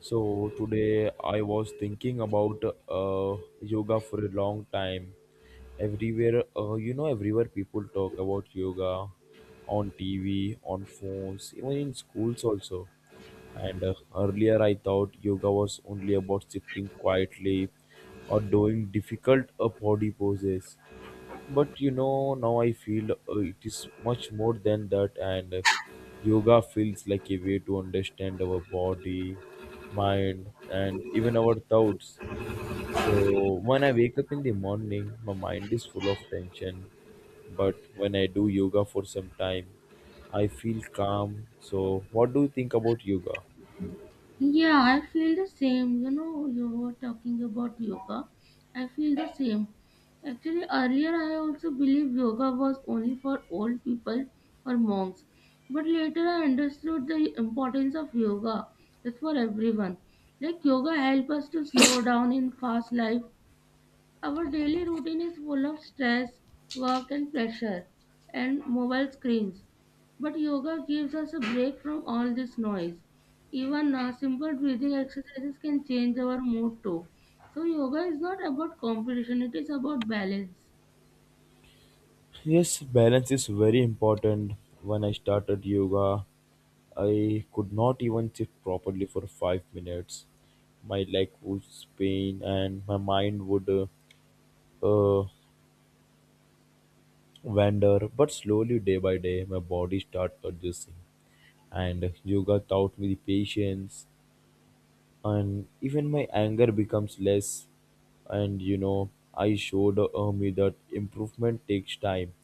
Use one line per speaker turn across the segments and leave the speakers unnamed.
So today I was thinking about yoga for a long time. Everywhere, everywhere people talk about yoga on TV, on phones, even in schools also. And earlier I thought yoga was only about sitting quietly or doing difficult body poses. But you know, now I feel it is much more than that, and yoga feels like a way to understand our body, mind, and even our thoughts. So when I wake up in the morning, my mind is full of tension, but when I do yoga for some time, I feel calm. So, what do you think about yoga?
Yeah, I feel the same. You know, you were talking about yoga. I feel the same. Actually, earlier I also believed yoga was only for old people or monks. But later I understood the importance of yoga. It's for everyone. Like yoga help us to slow down in fast life our daily routine is full of stress, work, and pressure, and mobile screens. But yoga gives us a break from all this noise. Even simple breathing exercises can change our mood too. So, yoga is not about competition, it is about balance.
Yes, balance is very important. When I started yoga, I could not even sit properly for 5 minutes. My leg would pain and my mind would uh, uh, wander. But slowly, day by day, my body started adjusting. And yoga taught me the patience, and even my anger becomes less. And you know, I showed me that improvement takes time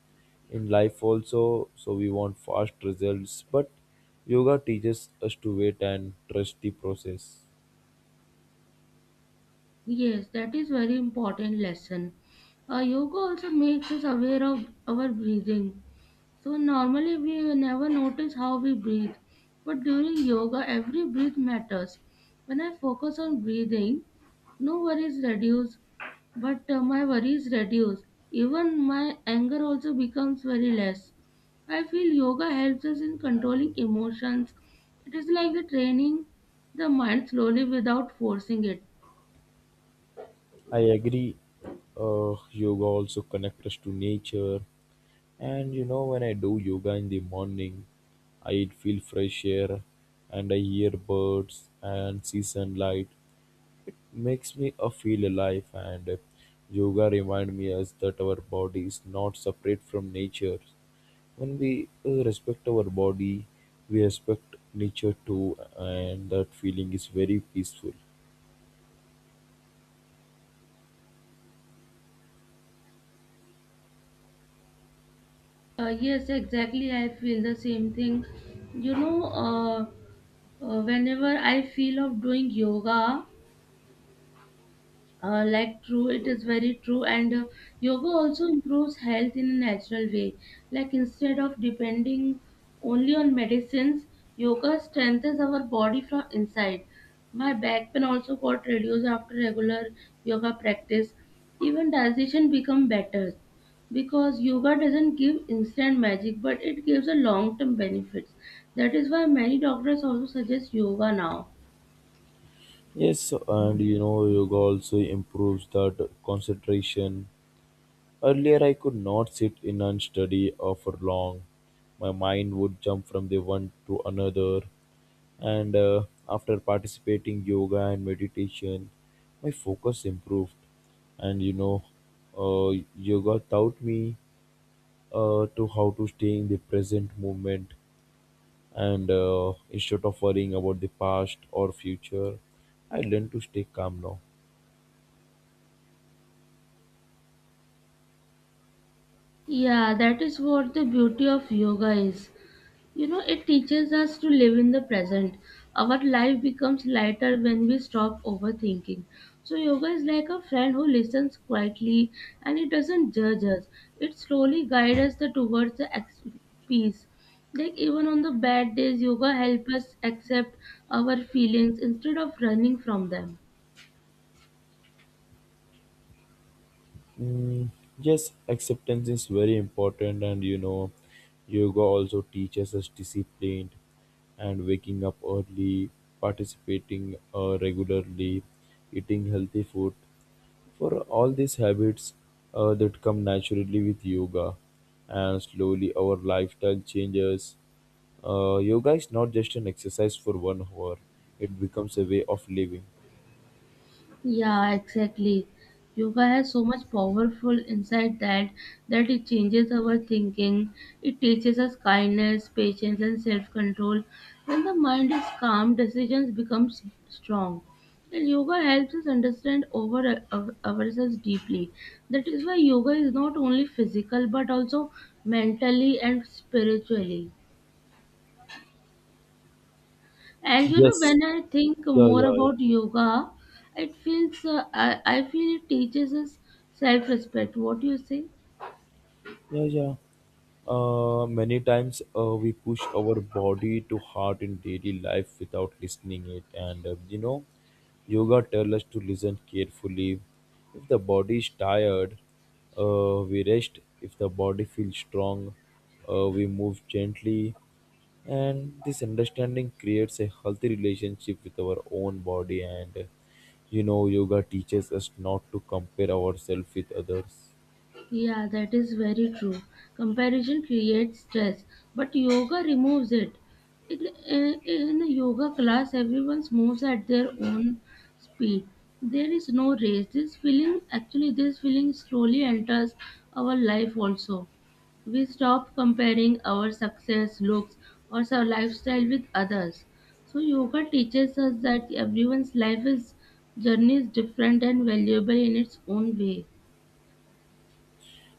in life also, so we want fast results, but yoga teaches us to wait and trust the process.
Yes, that is very important lesson. Yoga also makes us aware of our breathing. So normally we never notice how we breathe, but during yoga every breath matters. When I focus on breathing, no worries reduce, but my worries reduce. Even my anger also becomes very less. I feel yoga helps us in controlling emotions. It is like the training the mind slowly without forcing it.
I agree. Yoga also connects us to nature. And you know, when I do yoga in the morning, I feel fresh air and I hear birds and see sunlight. Makes me feel alive. And yoga reminds me us that our body is not separate from nature. When we respect our body, we respect nature too. And that feeling is very peaceful.
Yes, exactly. I feel the same thing. You know, uh, Whenever I feel of doing yoga, like true, it is very true. And yoga also improves health in a natural way. Like instead of depending only on medicines, yoga strengthens our body from inside. My back pain also got reduced after regular yoga practice. Even digestion become better because yoga doesn't give instant magic, but it gives a long-term benefits. That is why many doctors also suggest yoga now.
Yes, and you know, yoga also improves that concentration. Earlier, I could not sit in and study for long. My mind would jump from the one to another, and after participating yoga and meditation, my focus improved. And yoga taught me to how to stay in the present moment, and instead of worrying about the past or future, I learned to stay calm now.
Yeah, that is what the beauty of yoga is. You know, it teaches us to live in the present. Our life becomes lighter when we stop overthinking. So, yoga is like a friend who listens quietly and it doesn't judge us. It slowly guides us towards the peace. Like, even on the bad days, yoga helps us accept our feelings instead of running from them.
Mm, yes, acceptance is very important, and you know, yoga also teaches us discipline and waking up early, participating regularly, eating healthy food. For all these habits that come naturally with yoga, and slowly our lifestyle changes. Yoga is not just an exercise for 1 hour; it becomes a way of living.
Yeah, exactly. Yoga has so much powerful insight that it changes our thinking. It teaches us kindness, patience, and self-control. When the mind is calm, decisions become strong. And yoga helps us understand over ourselves deeply. That is why yoga is not only physical but also mentally and spiritually. And you know,
Yes.
when I think
Yeah.
more
Yeah.
about yoga, it feels I feel it teaches us self-respect. What do you say?
Yeah, yeah. Many times we push our body to heart in daily life without listening it, and yoga tells us to listen carefully. If the body is tired, we rest. If the body feels strong, we move gently, and this understanding creates a healthy relationship with our own body. And you know, yoga teaches us not to compare ourselves with others.
Yeah, that is very true. Comparison creates stress, but yoga removes it. It in a yoga class, everyone moves at their own speed. There is no race. This feeling, actually, this feeling slowly enters our life also. We stop comparing our success, looks, or our lifestyle with others. So yoga teaches us that everyone's life is journey is different and valuable in its own way.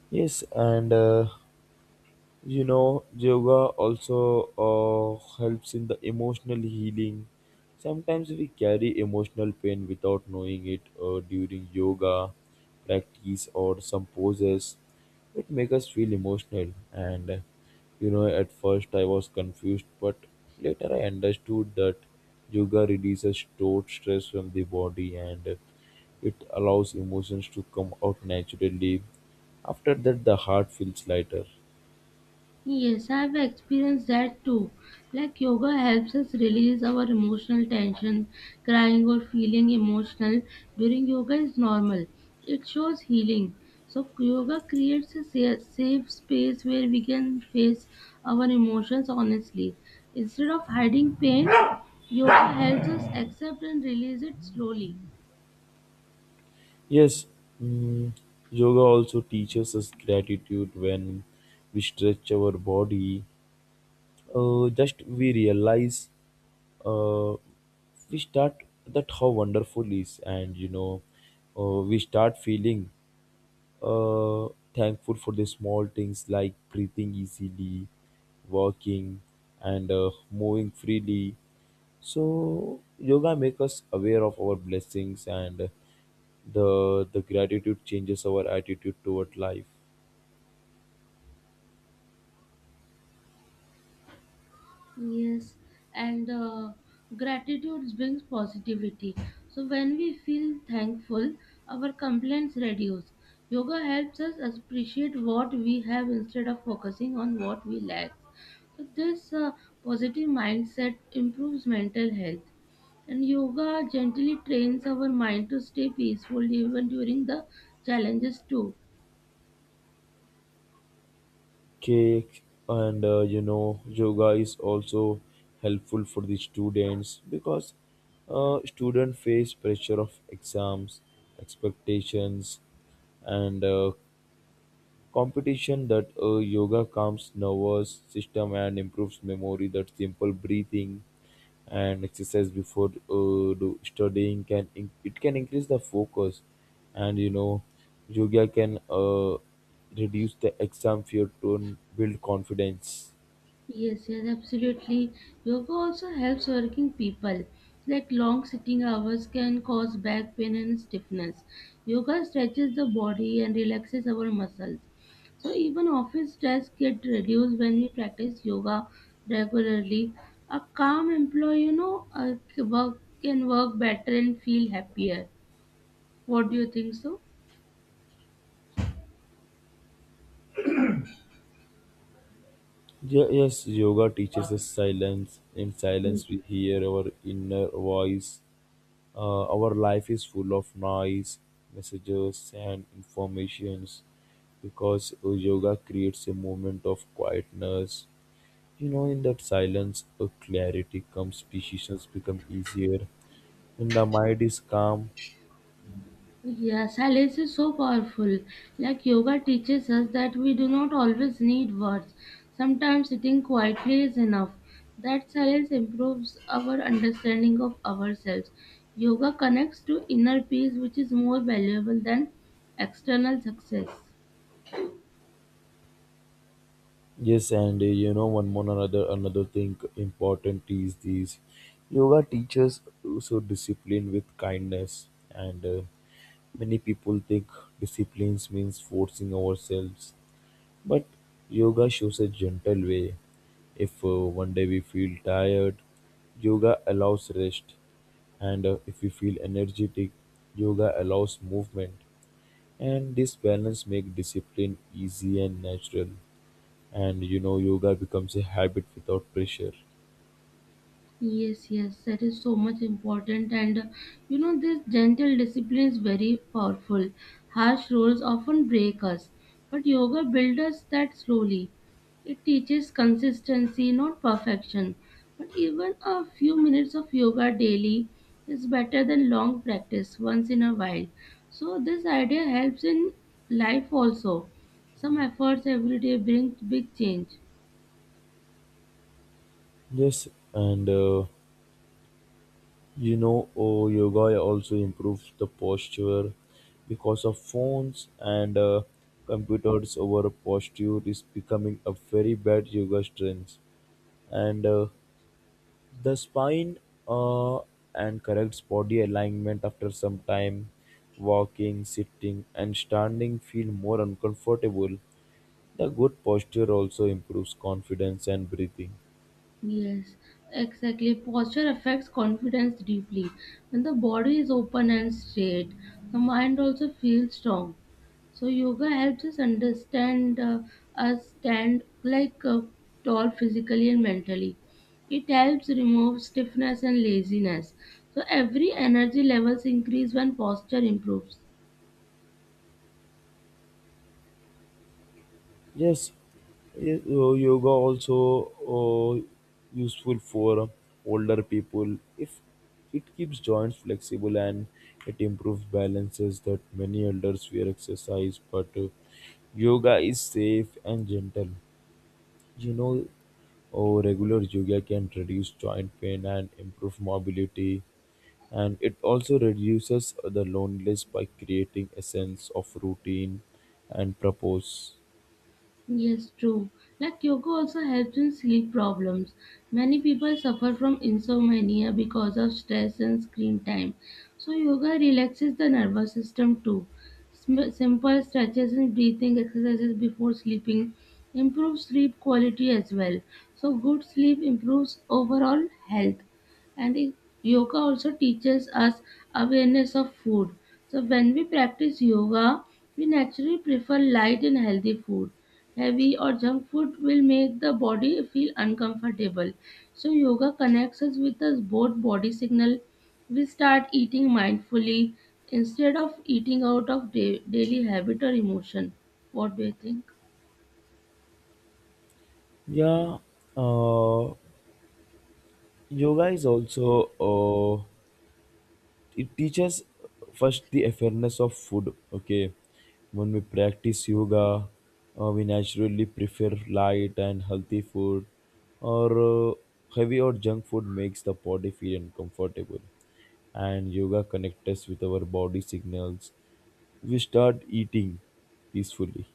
Yes, and you know, yoga also helps in the emotional healing. Sometimes we carry emotional pain without knowing it during yoga practice or some poses. It makes us feel emotional, and you know, at first I was confused, but later I understood that yoga releases stored stress from the body, and it allows emotions to come out naturally. After that, the heart feels lighter.
Yes, I've experienced that too. Like yoga helps us release our emotional tension, crying or feeling emotional during yoga is normal. It shows healing. So yoga creates a safe space where we can face our emotions honestly. Instead of hiding pain, yoga helps us accept and release it slowly.
Yes, mm, yoga also teaches us gratitude when we stretch our body. Just we realize, uh, we start that how wonderful is, and we start feeling uh, thankful for the small things like breathing easily, walking, and moving freely. So yoga makes us aware of our blessings, and the gratitude changes our attitude toward life.
Yes, and gratitude brings positivity. So when we feel thankful, our complaints reduce. Yoga helps us appreciate what we have instead of focusing on what we lack. So this positive mindset improves mental health. And yoga gently trains our mind to stay peaceful even during the challenges too.
Cake. And you know, yoga is also helpful for the students because students face pressure of exams, expectations, and competition. That yoga calms nervous system and improves memory, that simple breathing and exercise before do studying it can increase the focus. And you know, yoga can reduce the exam fear to build confidence.
Yes, yes, absolutely. Yoga also helps working people. Like long sitting hours can cause back pain and stiffness. Yoga stretches the body and relaxes our muscles. So even office stress get reduced when we practice yoga regularly. A calm employee, you know, work can work better and feel happier. What do you think so?
Yeah, yes, yoga teaches us silence. In silence we hear our inner voice. Our life is full of noise, messages, and informations, because yoga creates a moment of quietness. You know, in that silence, a clarity comes, decisions become easier. When the mind is calm,
Yeah, silence is so powerful. Like yoga teaches us that we do not always need words. Sometimes sitting quietly is enough. That silence improves our understanding of ourselves. Yoga connects to inner peace, which is more valuable than external success.
yes, and you know, one more another thing important is this: yoga teaches also discipline with kindness, and many people think disciplines means forcing ourselves. But yoga shows a gentle way. If one day we feel tired, yoga allows rest. And if we feel energetic, yoga allows movement. And this balance makes discipline easy and natural. And you know, yoga becomes a habit without pressure.
Yes, yes, that is so much important. And you know, this gentle discipline is very powerful. Harsh rules often break us, but yoga builds us that slowly. It teaches consistency, not perfection. But even a few minutes of yoga daily is better than long practice once in a while. So, this idea helps in life also. Some efforts every day bring big change.
Yes, and you know, oh, yoga also improves the posture because of phones and computers. Over posture is becoming a very bad yoga trend. And the spine uh, and corrects body alignment. After some time, walking, sitting, and standing feel more uncomfortable. The good posture also improves confidence and breathing.
Yes, exactly. Posture affects confidence deeply. When the body is open and straight, the mind also feels strong. So yoga helps us understand us stand like tall physically and mentally. It helps remove stiffness and laziness. So every energy levels increase when posture improves.
Yes, yoga also uh, useful for older people if it keeps joints flexible and it improves balances, that many elders fear exercise. But yoga is safe and gentle. You know, oh, regular yoga can reduce joint pain and improve mobility, and it also reduces the loneliness by creating a sense of routine and purpose.
Yes, true. Like yoga also helps in sleep problems. Many people suffer from insomnia because of stress and screen time. So, yoga relaxes the nervous system too. Simple stretches and breathing exercises before sleeping improve sleep quality as well. So, good sleep improves overall health. And it- Yoga also teaches us awareness of food. So, when we practice yoga, we naturally prefer light and healthy food heavy or junk food will make the body feel uncomfortable. So yoga connects us with us both body signal. We start eating mindfully instead of eating out of daily habit or emotion. What do you think?
Yeah, uh, yoga is also it teaches first the awareness of food. Okay, when we practice yoga, we naturally prefer light and healthy food, or heavy or junk food makes the body feel uncomfortable. And yoga connects us with our body signals. We start eating peacefully.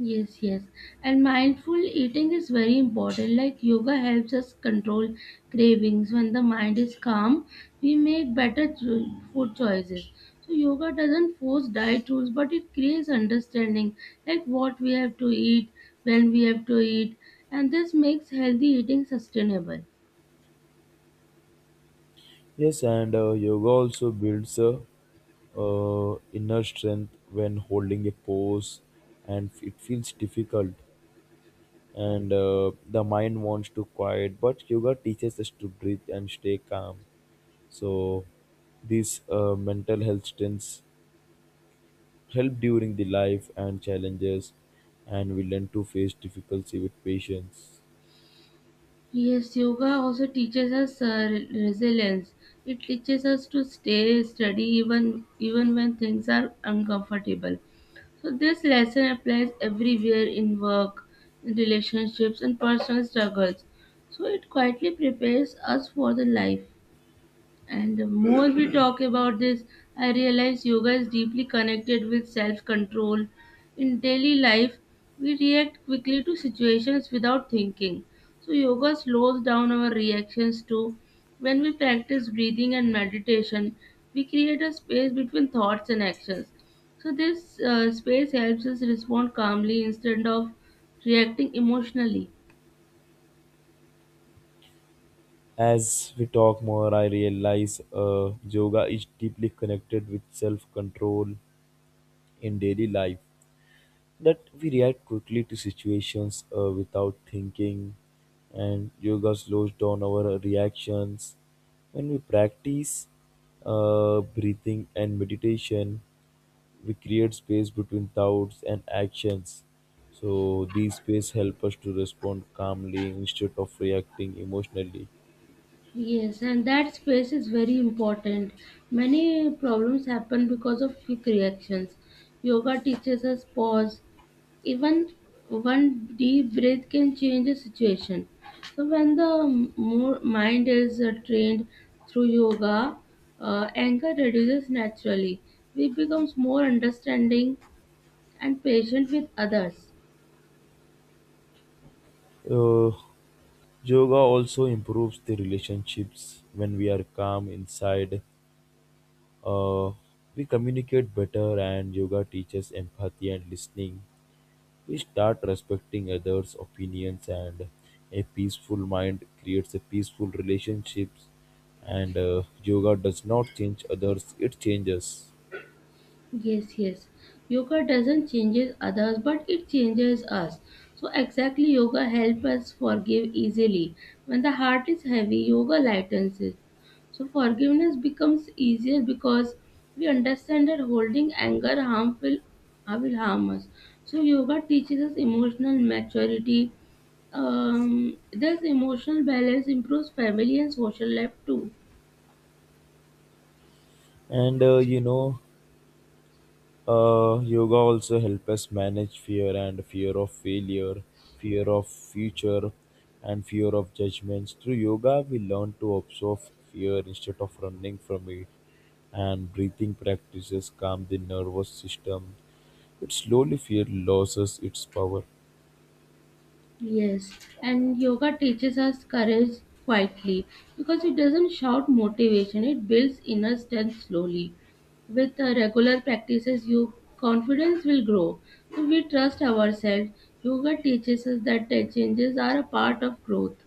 Yes, yes. And mindful eating is very important. Like yoga helps us control cravings. When the mind is calm, we make better food choices. So yoga doesn't force diet rules, but it creates understanding, like what we have to eat, when we have to eat, and this makes healthy eating sustainable.
Yes, and yoga also builds inner strength when holding a pose, and it feels difficult. And the mind wants to quiet, but yoga teaches us to breathe and stay calm. So, these mental health strengths help during the life and challenges, and we learn to face difficulty with patience.
Yes, yoga also teaches us resilience. It teaches us to stay steady even when things are uncomfortable. So, this lesson applies everywhere in work, in relationships, and personal struggles. So, it quietly prepares us for the life. And the more we talk about this, I realize yoga is deeply connected with self control. In daily life, we react quickly to situations without thinking. So, yoga slows down our reactions too. When we practice breathing and meditation, we create a space between thoughts and actions. So, this space helps us respond calmly instead of reacting emotionally.
As we talk more, I realize yoga is deeply connected with self control in daily life, that we react quickly to situations without thinking, and yoga slows down our reactions. When we practice breathing and meditation, we create space between thoughts and actions, so these space help us to respond calmly instead of reacting emotionally.
Yes, and that space is very important. Many problems happen because of quick reactions. Yoga teaches us pause. Even one deep breath can change a situation. So, when the more mind is trained through yoga, anger reduces naturally. We becomes more understanding and patient with others.
uh, Yoga also improves the relationships. When we are calm inside, uh, we communicate better, and yoga teaches empathy and listening. We start respecting others opinions, and a peaceful mind creates a peaceful relationships. And yoga does not change others, it changes.
Yes, yes. Yoga doesn't changes others, but it changes us. So exactly, yoga helps us forgive easily. When the heart is heavy, yoga lightens it. So forgiveness becomes easier because we understand that holding anger harmful will harm us. So yoga teaches us emotional maturity. Thus, emotional balance improves family and social life too.
And yoga also helps us manage fear and fear of failure, fear of future, and fear of judgments. Through yoga we learn to observe fear instead of running from it, and breathing practices calm the nervous system. It slowly fear loses its power.
Yes, and yoga teaches us courage quietly because it doesn't shout motivation, it builds inner strength slowly. With regular practices, your confidence will grow. So we trust ourselves. Yoga teaches us that the changes are a part of growth.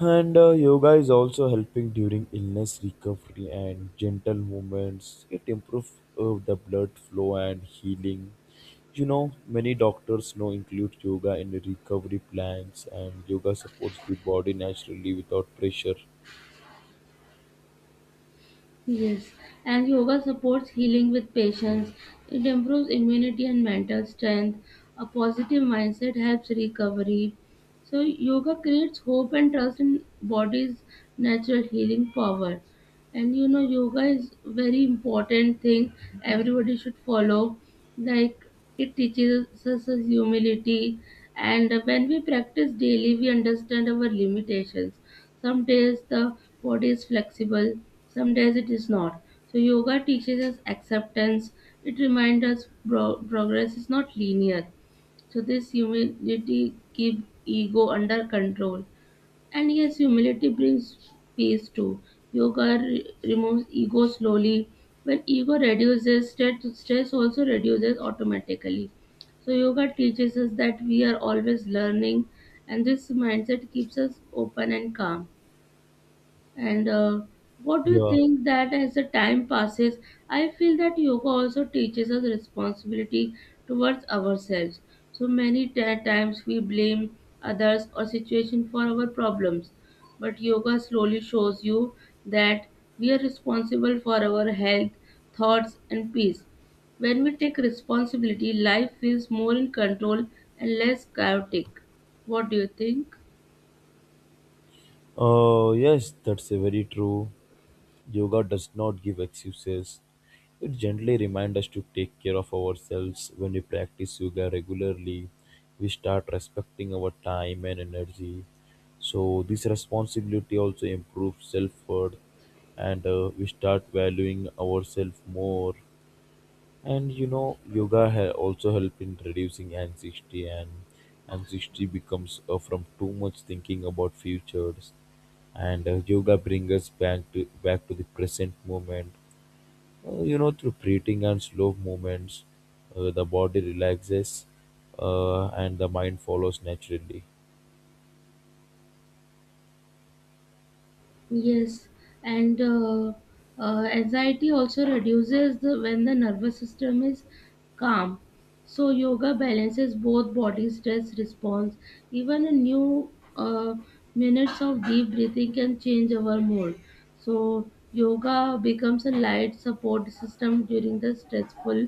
And yoga is also helping during illness recovery and gentle movements. It improves the blood flow and healing. You know, many doctors now include yoga in the recovery plans, and yoga supports the body naturally without pressure.
Yes, and yoga supports healing with patience. It improves immunity and mental strength. A positive mindset helps recovery. So, yoga creates hope and trust in body's natural healing power. And you know, yoga is very important thing everybody should follow. Like it teaches us as humility, and when we practice daily, we understand our limitations some days the body is flexible, some days it is not. So, yoga teaches us acceptance. It reminds us progress is not linear. So, this humility keeps ego under control. And yes, humility brings peace too. Yoga removes ego slowly. When ego reduces, stress also reduces automatically. So, yoga teaches us that we are always learning, and this mindset keeps us open and calm. And what do you
Yeah.
think that as the time passes, I feel that yoga also teaches us responsibility towards ourselves. So many times we blame others or situation for our problems, but yoga slowly shows you that we are responsible for our health, thoughts, and peace. When we take responsibility, life feels more in control and less chaotic. What do you think?
Yes, that's a very true. Yoga does not give excuses. It gently reminds us to take care of ourselves. When we practice yoga regularly, we start respecting our time and energy. So, this responsibility also improves self worth, and we start valuing ourselves more. And you know, also help in reducing anxiety, and anxiety becomes from too much thinking about futures. And yoga brings us back to the present moment. You know, through breathing and slow movements, the body relaxes, and the mind follows naturally.
Yes, and anxiety also reduces the, when the nervous system is calm. So yoga balances both body stress response. Even a new uh, minutes of deep breathing can change our mood. So yoga becomes a light support system during the stressful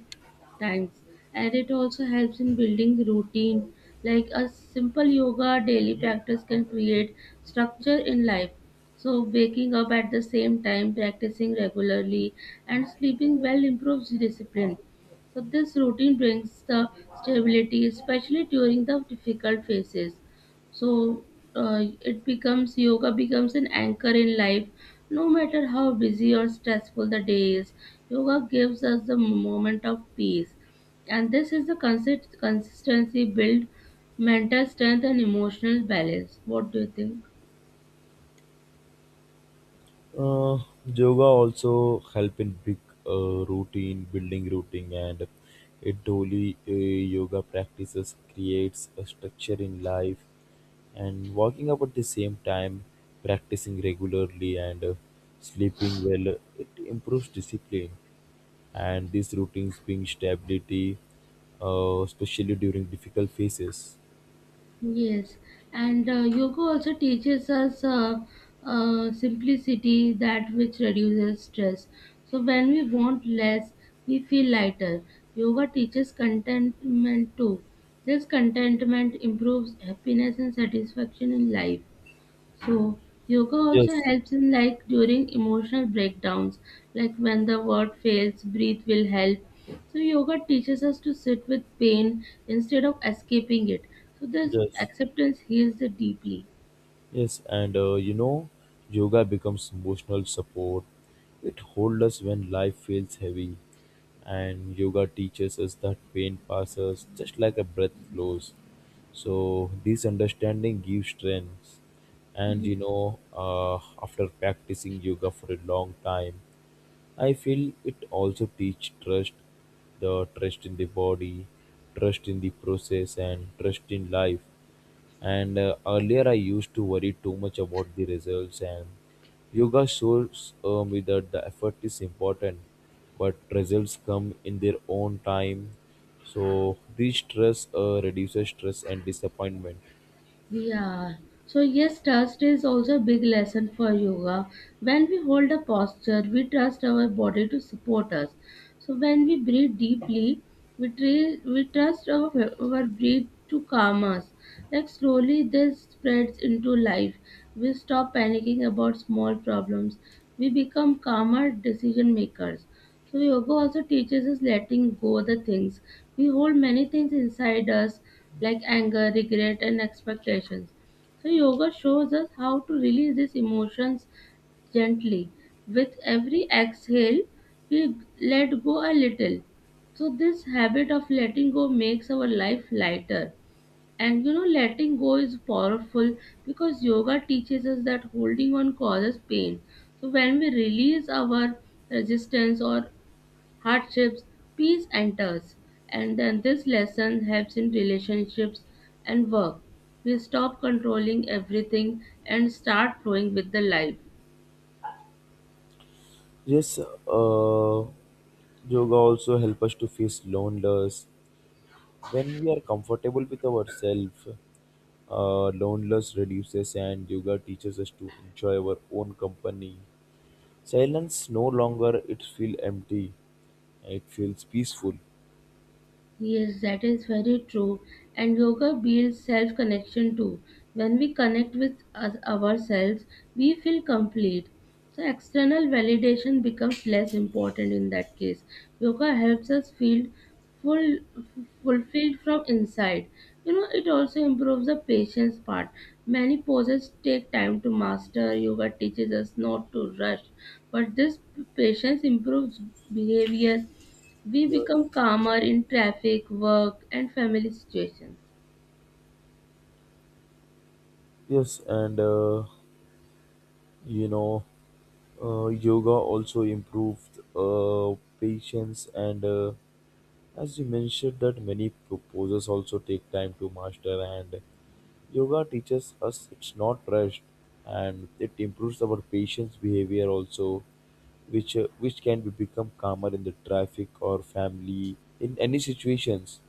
times and it also helps in building routine like a simple yoga daily practice can create structure in life so, waking up at the same time, practicing regularly, and sleeping well improves discipline. So, this routine brings the stability, especially during the difficult phases. So, it becomes yoga becomes an anchor in life. No matter how busy or stressful the day is, yoga gives us the moment of peace. And this is the consistency build mental strength and emotional balance. What do you think?
Uh, Yoga also help in big routine building routine, and a daily yoga practices creates a structure in life, and walking up at the same time, practicing regularly, and sleeping well, it improves discipline. And these routines bring stability, especially during difficult phases.
Yes, and yoga also teaches us simplicity, that which reduces stress. So when we want less, we feel lighter. Yoga teaches contentment too. This contentment improves happiness and satisfaction in life. So, yoga also
Yes,
helps in like during emotional breakdowns, like when the word fails, breathe will help. So, yoga teaches us to sit with pain instead of escaping it. So, this
yes.
acceptance heals it deeply.
Yes, and you know, yoga becomes emotional support. It holds us when life feels heavy, and yoga teaches us that pain passes just like a breath flows. So, this understanding gives strength. And you know, after practicing yoga for a long time, I feel it also teach trust, the trust in the body, trust in the process, and trust in life. And earlier I used to worry too much about the results, and yoga shows me that the effort is important, but results come in their own time. So this stress reduces stress and disappointment.
Yeah. So yes, trust is also a big lesson for yoga. When we hold a posture, we trust our body to support us. So when we breathe deeply, we trust our breath to calm us. Like slowly, this spreads into life. We stop panicking about small problems. We become calmer decision makers. So yoga also teaches us letting go the things. We hold many things inside us like anger, regret and expectations. So yoga shows us how to release these emotions gently. With every exhale, we let go a little. So this habit of letting go makes our life lighter. And you know, letting go is powerful because yoga teaches us that holding on causes pain. So when we release our resistance or hardships, peace enters, and then this lesson helps in relationships and work. We stop controlling everything and start flowing with the life.
Yes, yoga also help us to face loneliness. When we are comfortable with ourselves, loneliness reduces, and yoga teaches us to enjoy our own company. Silence no longer it feel empty. It feels peaceful.
Yes, that is very true. And yoga builds self connection too. When we connect with us, ourselves, we feel complete. So, external validation becomes less important in that case. Yoga helps us feel full, fulfilled from inside. You know, it also improves the patience part. Many poses take time to master. Yoga teaches us not to rush, but this patience improves behavior we become
Yes,
calmer in traffic, work, and family situations.
yes, and you know, yoga also improved patience. And as you mentioned, that many poses also take time to master. And yoga teaches us it's not rushed, and it improves our patience behavior also, which can be become calmer in the traffic or family in any situations.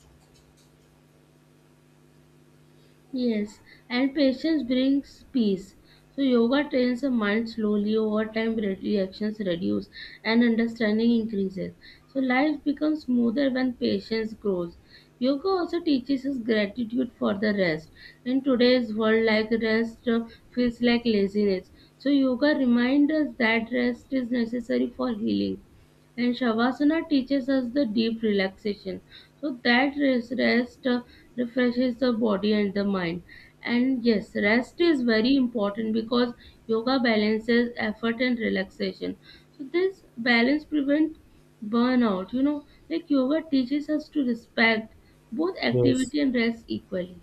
Yes, and patience brings peace. So, yoga trains the mind slowly, over time, reactions reduce and understanding increases. So, life becomes smoother when patience grows. Yoga also teaches us gratitude for the rest. In today's world, like rest feels like laziness. So, yoga reminds us that rest is necessary for healing. And Shavasana teaches us the deep relaxation. So that rest refreshes the body and the mind. And yes, rest is very important because yoga balances effort and relaxation. So this balance prevents burnout. You know, like yoga teaches us to respect both
Yes.
activity and rest equally.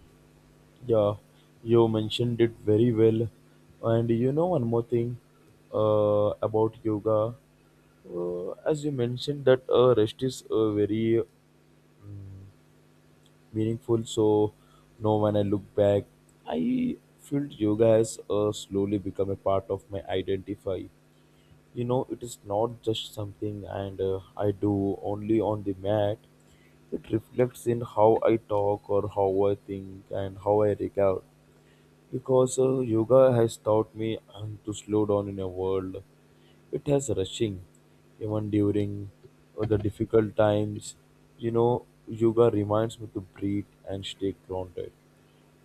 Yeah, you mentioned it very well. And you know, one more thing about yoga. As you mentioned that rest is very meaningful. So now when I look back, I feel yoga has slowly become a part of my identify. You know, it is not just something, and I do only on the mat. It reflects in how I talk or how I think and how I regard. Because yoga has taught me to slow down in a world. It has rushing, even during the difficult times. You know, yoga reminds me to breathe and stay grounded.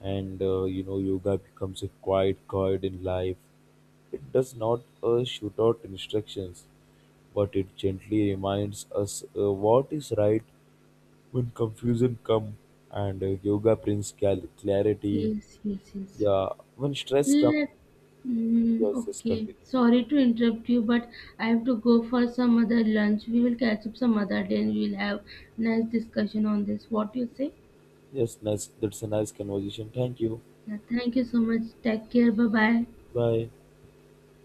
And you know, yoga becomes a quiet guide in life. It does not shoot out instructions, but it gently reminds us what is right when confusion comes. And yoga brings clarity.
Yes, yes, yes.
Yeah, when stress comes.
Let,
Yes, just
okay,
continue.
sorry to interrupt you, but I have to go for some other lunch. We will catch up some other day and we'll have nice discussion on this. What you say?
Yes, nice. That's a nice conversation. Thank you.
Yeah, thank you so much. Take care. Bye bye.
Bye.